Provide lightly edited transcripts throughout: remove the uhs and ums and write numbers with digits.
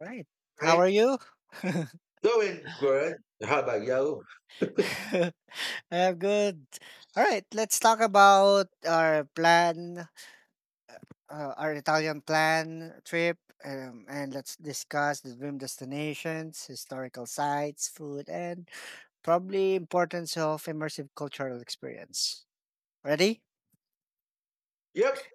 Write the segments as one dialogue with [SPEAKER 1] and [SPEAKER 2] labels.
[SPEAKER 1] Right. How
[SPEAKER 2] Right?
[SPEAKER 1] are you?
[SPEAKER 2] Doing good. How about you?
[SPEAKER 1] I'm good. All right, let's talk about our plan, our Italian plan trip, and let's discuss the dream destinations, historical sites, food, and probably importance of immersive cultural experience. Ready?
[SPEAKER 2] Yep.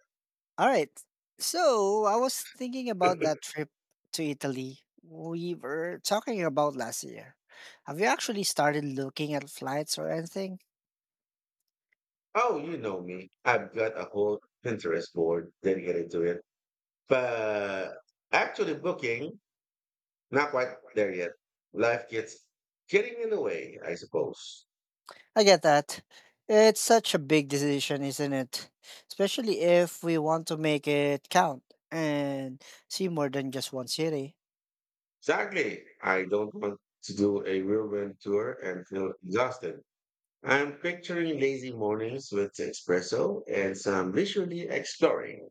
[SPEAKER 1] All right. So I was thinking about that trip to Italy we were talking about last year. Have you actually started looking at flights or anything?
[SPEAKER 2] Oh, you know me. I've got a whole Pinterest board dedicated to it. But actually booking, not quite there yet. Life gets getting in the way, I suppose.
[SPEAKER 1] I get that. It's such a big decision, isn't it? Especially if we want to make it count and see more than just one city.
[SPEAKER 2] Exactly. I don't want to do a whirlwind tour and feel exhausted. I'm picturing lazy mornings with espresso and some leisurely exploring.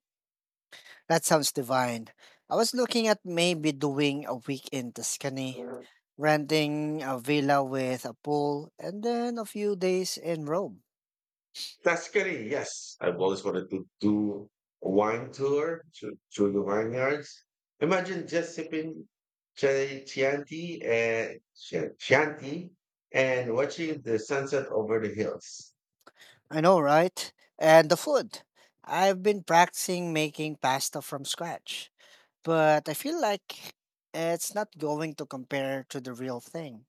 [SPEAKER 1] That sounds divine. I was looking at maybe doing a week in Tuscany, renting a villa with a pool, and then a few days in Rome.
[SPEAKER 2] Tuscany, yes. I've always wanted to do a wine tour to the vineyards. Imagine just sipping Chianti and Chi- Chianti watching the sunset over the hills.
[SPEAKER 1] I know, right? And the food. I've been practicing making pasta from scratch, but I feel like it's not going to compare to the real thing.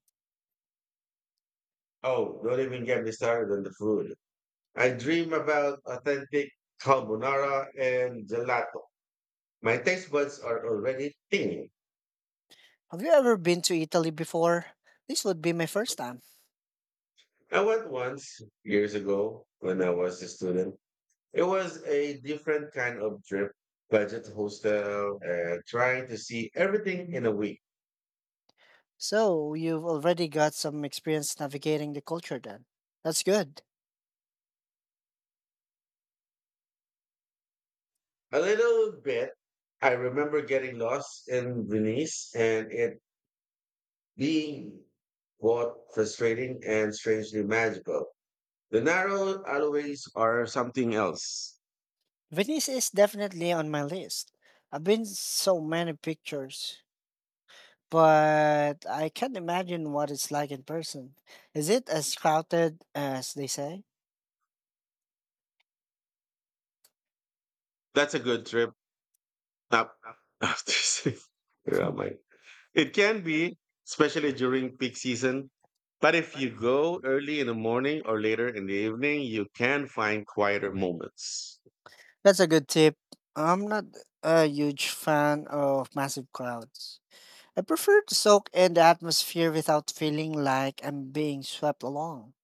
[SPEAKER 2] Oh, don't even get me started on the food. I dream about authentic carbonara and gelato. My taste buds are already thinking.
[SPEAKER 1] Have you ever been to Italy before? This would be my first time.
[SPEAKER 2] I went once years ago when I was a student. It was a different kind of trip, budget hostel, and trying to see everything in a week.
[SPEAKER 1] So, you've already got some experience navigating the culture then. That's good.
[SPEAKER 2] A little bit, I remember getting lost in Venice and it being both frustrating and strangely magical. The narrow alleyways are something else.
[SPEAKER 1] Venice is definitely on my list. I've been so many pictures, but I can't imagine what it's like in person. Is it as crowded as they say?
[SPEAKER 2] That's a good trip. Up after six. Where
[SPEAKER 1] Hmm.
[SPEAKER 2] am I? It can be, especially during peak season. But if you go early in the morning or later in the evening, you can find quieter moments.
[SPEAKER 1] That's a good tip. I'm not a huge fan of massive crowds. I prefer to soak in the atmosphere without feeling like I'm being swept along.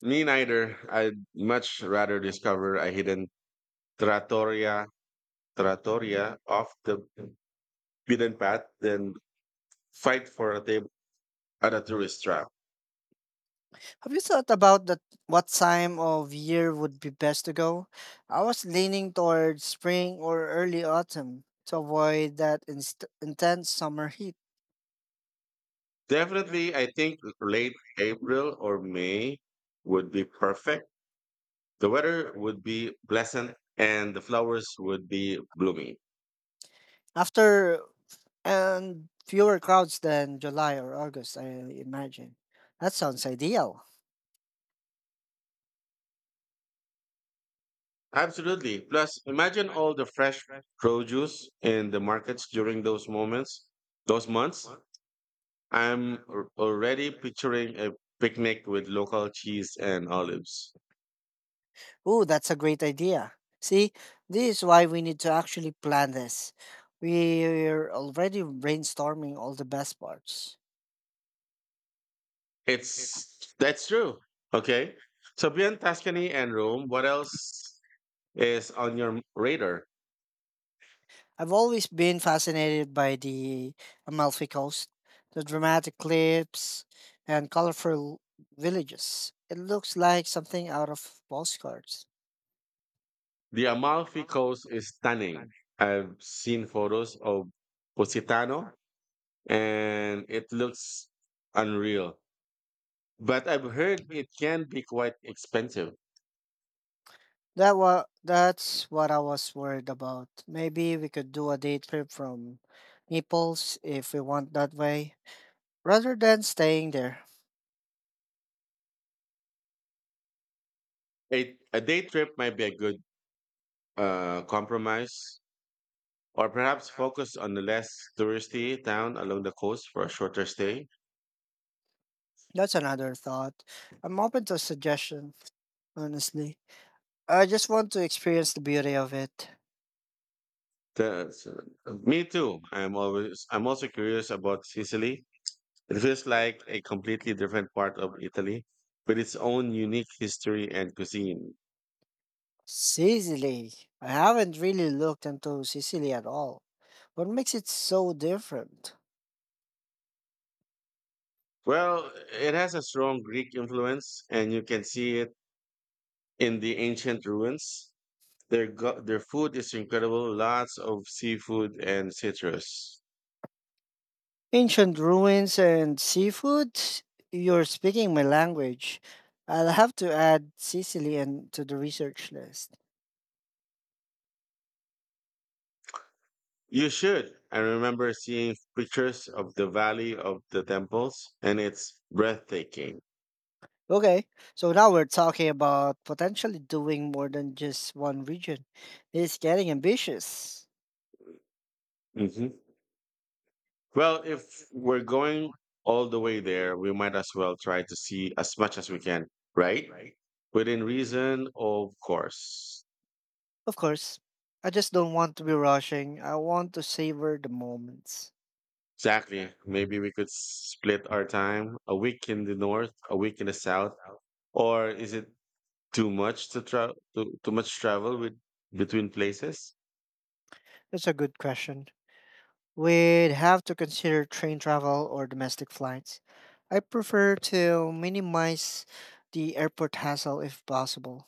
[SPEAKER 2] Me neither. I'd much rather discover a hidden trattoria, trattoria off the beaten path than fight for a table at a tourist trap.
[SPEAKER 1] Have you thought about that what time of year would be best to go? I was leaning toward spring or early autumn to avoid that intense summer heat.
[SPEAKER 2] Definitely, I think late April or May would be perfect. The weather would be pleasant and the flowers would be blooming.
[SPEAKER 1] After and fewer crowds than July or August, I imagine. That sounds ideal.
[SPEAKER 2] Absolutely. Plus, imagine all the fresh produce in the markets during those months. I'm already picturing a picnic with local cheese and olives.
[SPEAKER 1] Oh, that's a great idea. See, this is why we need to actually plan this. We're already brainstorming all the best parts.
[SPEAKER 2] It's That's true. Okay. So beyond Tuscany and Rome, what else is on your radar?
[SPEAKER 1] I've always been fascinated by the Amalfi Coast, the dramatic cliffs, and colorful villages. It looks like something out of postcards.
[SPEAKER 2] The Amalfi Coast is stunning. I've seen photos of Positano and it looks unreal. But I've heard it can be quite expensive.
[SPEAKER 1] That's what I was worried about. Maybe we could do a day trip from Naples if we want that way, rather than staying there.
[SPEAKER 2] A day trip might be a good compromise, or perhaps focus on the less touristy town along the coast for a shorter stay.
[SPEAKER 1] That's another thought. I'm open to suggestions, honestly. I just want to experience the beauty of it.
[SPEAKER 2] Me too. I'm also curious about Sicily. It feels like a completely different part of Italy, with its own unique history and cuisine.
[SPEAKER 1] Sicily. I haven't really looked into Sicily at all. What makes it so different?
[SPEAKER 2] Well, it has a strong Greek influence, and you can see it in the ancient ruins. Their food is incredible, lots of seafood and citrus.
[SPEAKER 1] Ancient ruins and seafood? You're speaking my language. I'll have to add Sicily and to the research list.
[SPEAKER 2] You should. I remember seeing pictures of the Valley of the Temples, and it's breathtaking.
[SPEAKER 1] Okay, so now we're talking about potentially doing more than just one region. It's getting ambitious.
[SPEAKER 2] hmm Well, if we're going all the way there, we might as well try to see as much as we can, right? Right. Within reason, of course.
[SPEAKER 1] Of course. I just don't want to be rushing. I want to savor the moments.
[SPEAKER 2] Exactly. Maybe we could split our time, a week in the north, a week in the south, or is it too much to travel, too much travel with between places.
[SPEAKER 1] That's a good question. We'd have to consider train travel or domestic flights. I prefer to minimize the airport hassle if possible.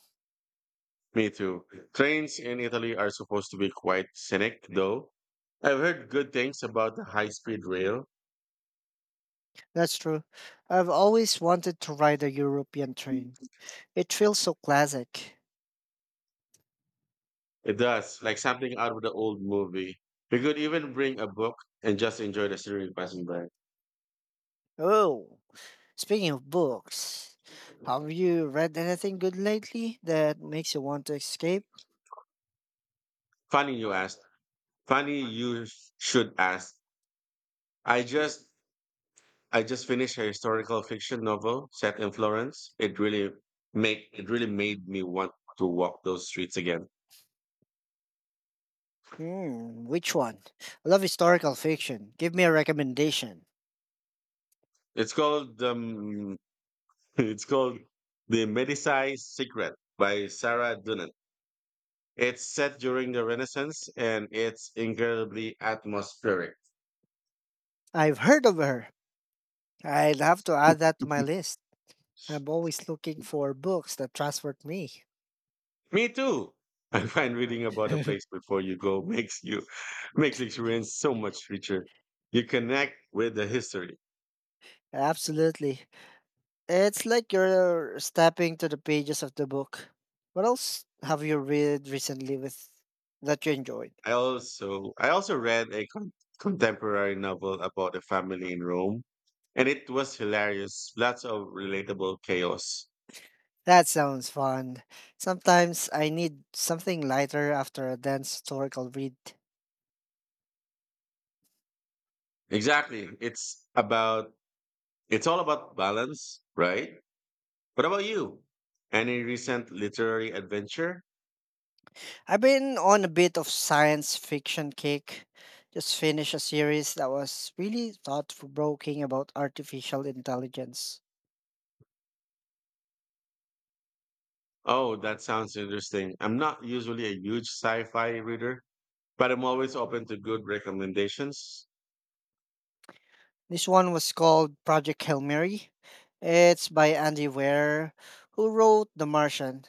[SPEAKER 2] Me too. Trains in Italy are supposed to be quite scenic, though. I've heard good things about the high-speed rail.
[SPEAKER 1] That's true. I've always wanted to ride a European train. It feels so classic.
[SPEAKER 2] It does, like something out of the old movie. We could even bring a book and just enjoy the scenery passing by.
[SPEAKER 1] Oh, speaking of books, have you read anything good lately that makes you want to escape?
[SPEAKER 2] Funny you asked. Funny you sh- should ask. I just I just finished a historical fiction novel set in Florence. It really made me want to walk those streets again.
[SPEAKER 1] Hmm, which one? I love historical fiction. Give me a recommendation.
[SPEAKER 2] It's called it's called The Medici's Secret by Sarah Dunant. It's set during the Renaissance and it's incredibly atmospheric.
[SPEAKER 1] I've heard of her. I'd have to add that to my list. I'm always looking for books that transport me.
[SPEAKER 2] Me too. I find reading about a place before you go makes you makes the experience so much richer. You connect with the history.
[SPEAKER 1] Absolutely. It's like you're stepping to the pages of the book. What else have you read recently with that you enjoyed?
[SPEAKER 2] I also read a contemporary novel about a family in Rome, and it was hilarious. Lots of relatable chaos.
[SPEAKER 1] That sounds fun. Sometimes I need something lighter after a dense historical read.
[SPEAKER 2] Exactly. It's all about balance, right? What about you? Any recent literary adventure?
[SPEAKER 1] I've been on a bit of science fiction kick. Just finished a series that was really thought provoking about artificial intelligence.
[SPEAKER 2] Oh, that sounds interesting. I'm not usually a huge sci-fi reader, but I'm always open to good recommendations.
[SPEAKER 1] This one was called Project Hail Mary. It's by Andy Weir, who wrote The Martian.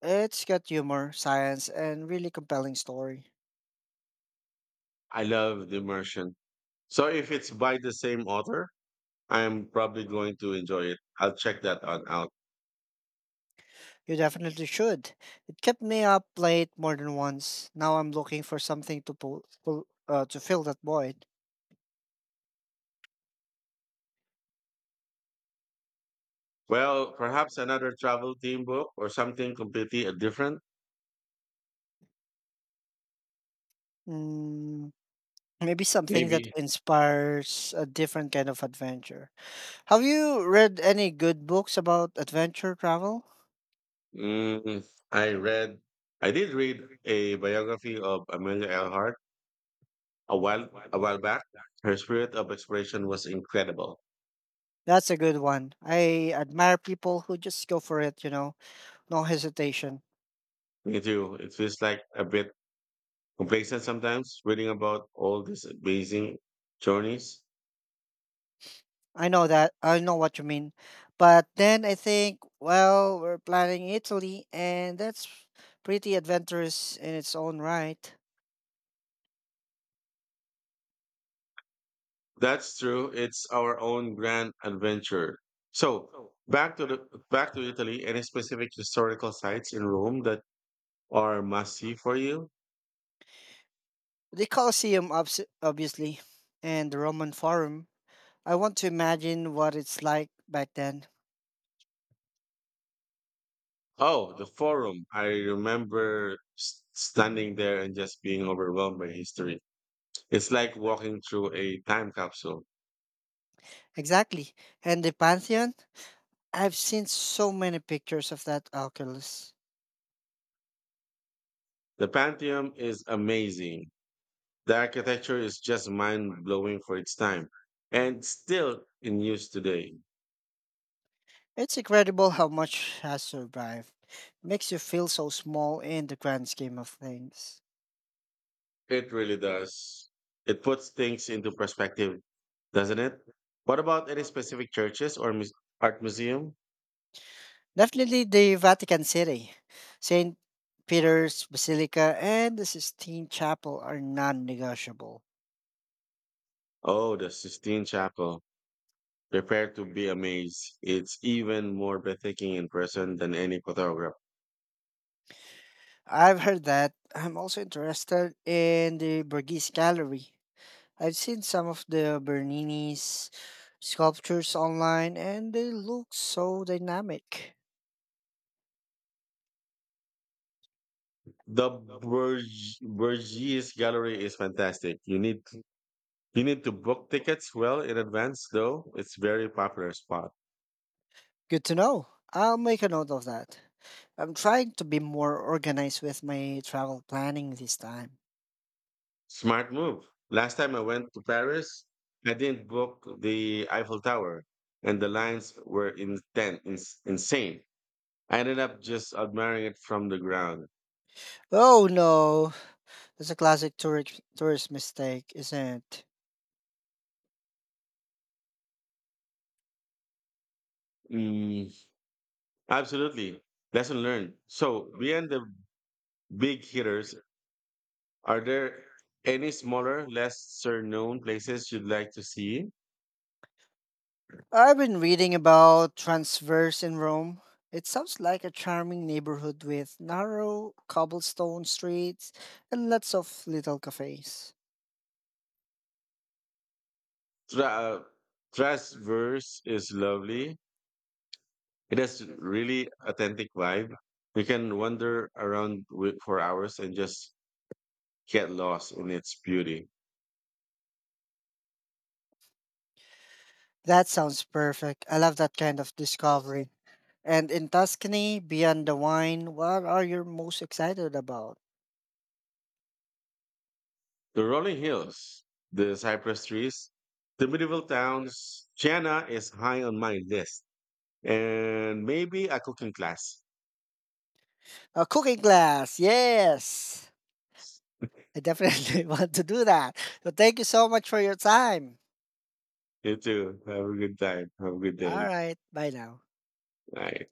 [SPEAKER 1] It's got humor, science, and really compelling story.
[SPEAKER 2] I love the immersion. So if it's by the same author, I'm probably going to enjoy it. I'll check that on out.
[SPEAKER 1] You definitely should. It kept me up late more than once. Now I'm looking for something to pull, pull to fill that void.
[SPEAKER 2] Well, perhaps another travel theme book or something completely different.
[SPEAKER 1] Mm, maybe something that
[SPEAKER 2] Maybe.
[SPEAKER 1] inspires a different kind of adventure. Have you read any good books about adventure travel?
[SPEAKER 2] Mm, I read, I did read a biography of Amelia Earhart a while back. Her spirit of exploration was incredible.
[SPEAKER 1] That's a good one. I admire people who just go for it, you know, no hesitation.
[SPEAKER 2] Me too. It feels like a bit complacent sometimes reading about all these amazing journeys.
[SPEAKER 1] I know that. I know what you mean. But then I think, well, we're planning Italy, and that's pretty adventurous in its own right.
[SPEAKER 2] That's true. It's our own grand adventure. So back to Italy. Any specific historical sites in Rome that are must see for you?
[SPEAKER 1] The Colosseum, obviously, and the Roman Forum. I want to imagine what it's like back then.
[SPEAKER 2] Oh, the forum. I remember standing there and just being overwhelmed by history. It's like walking through a time capsule.
[SPEAKER 1] Exactly. And the Pantheon? I've seen so many pictures of that Oculus.
[SPEAKER 2] The Pantheon is amazing. The architecture is just mind blowing for its time and still in use today.
[SPEAKER 1] It's incredible how much has survived. Makes you feel so small in the grand scheme of things.
[SPEAKER 2] It really does. It puts things into perspective, doesn't it? What about any specific churches or art museum?
[SPEAKER 1] Definitely the Vatican City, St. Peter's Basilica, and the Sistine Chapel are non negotiable.
[SPEAKER 2] Oh, the Sistine Chapel. Prepare to be amazed. It's even more breathtaking in person than any photograph.
[SPEAKER 1] I've heard that. I'm also interested in the Borghese Gallery. I've seen some of the Bernini's sculptures online, and they look so dynamic.
[SPEAKER 2] The Bourgeois Gallery is fantastic. You need to book tickets well in advance though. It's very popular spot.
[SPEAKER 1] Good to know. I'll make a note of that. I'm trying to be more organized with my travel planning this time.
[SPEAKER 2] Smart move. Last time I went to Paris, I didn't book the Eiffel Tower and the lines were insane. I ended up just admiring it from the ground.
[SPEAKER 1] Oh no, that's a classic tourist mistake, isn't it?
[SPEAKER 2] Mm, absolutely. Lesson learned. So, beyond the big hitters, are there any smaller, lesser known places you'd like to see?
[SPEAKER 1] I've been reading about Transverse in Rome. It sounds like a charming neighborhood with narrow cobblestone streets and lots of little cafes.
[SPEAKER 2] Tra- uh, Transverse is lovely. It has really authentic vibe. You can wander around for hours and just get lost in its beauty.
[SPEAKER 1] That sounds perfect. I love that kind of discovery. And in Tuscany, beyond the wine, what are you most excited about?
[SPEAKER 2] The rolling hills, the cypress trees, the medieval towns. Chiana is high on my list. And maybe a cooking class.
[SPEAKER 1] A cooking class, yes. I definitely want to do that. So thank you so much for your time.
[SPEAKER 2] You too. Have a good time. Have a good
[SPEAKER 1] All
[SPEAKER 2] day.
[SPEAKER 1] right, bye now.
[SPEAKER 2] Bye.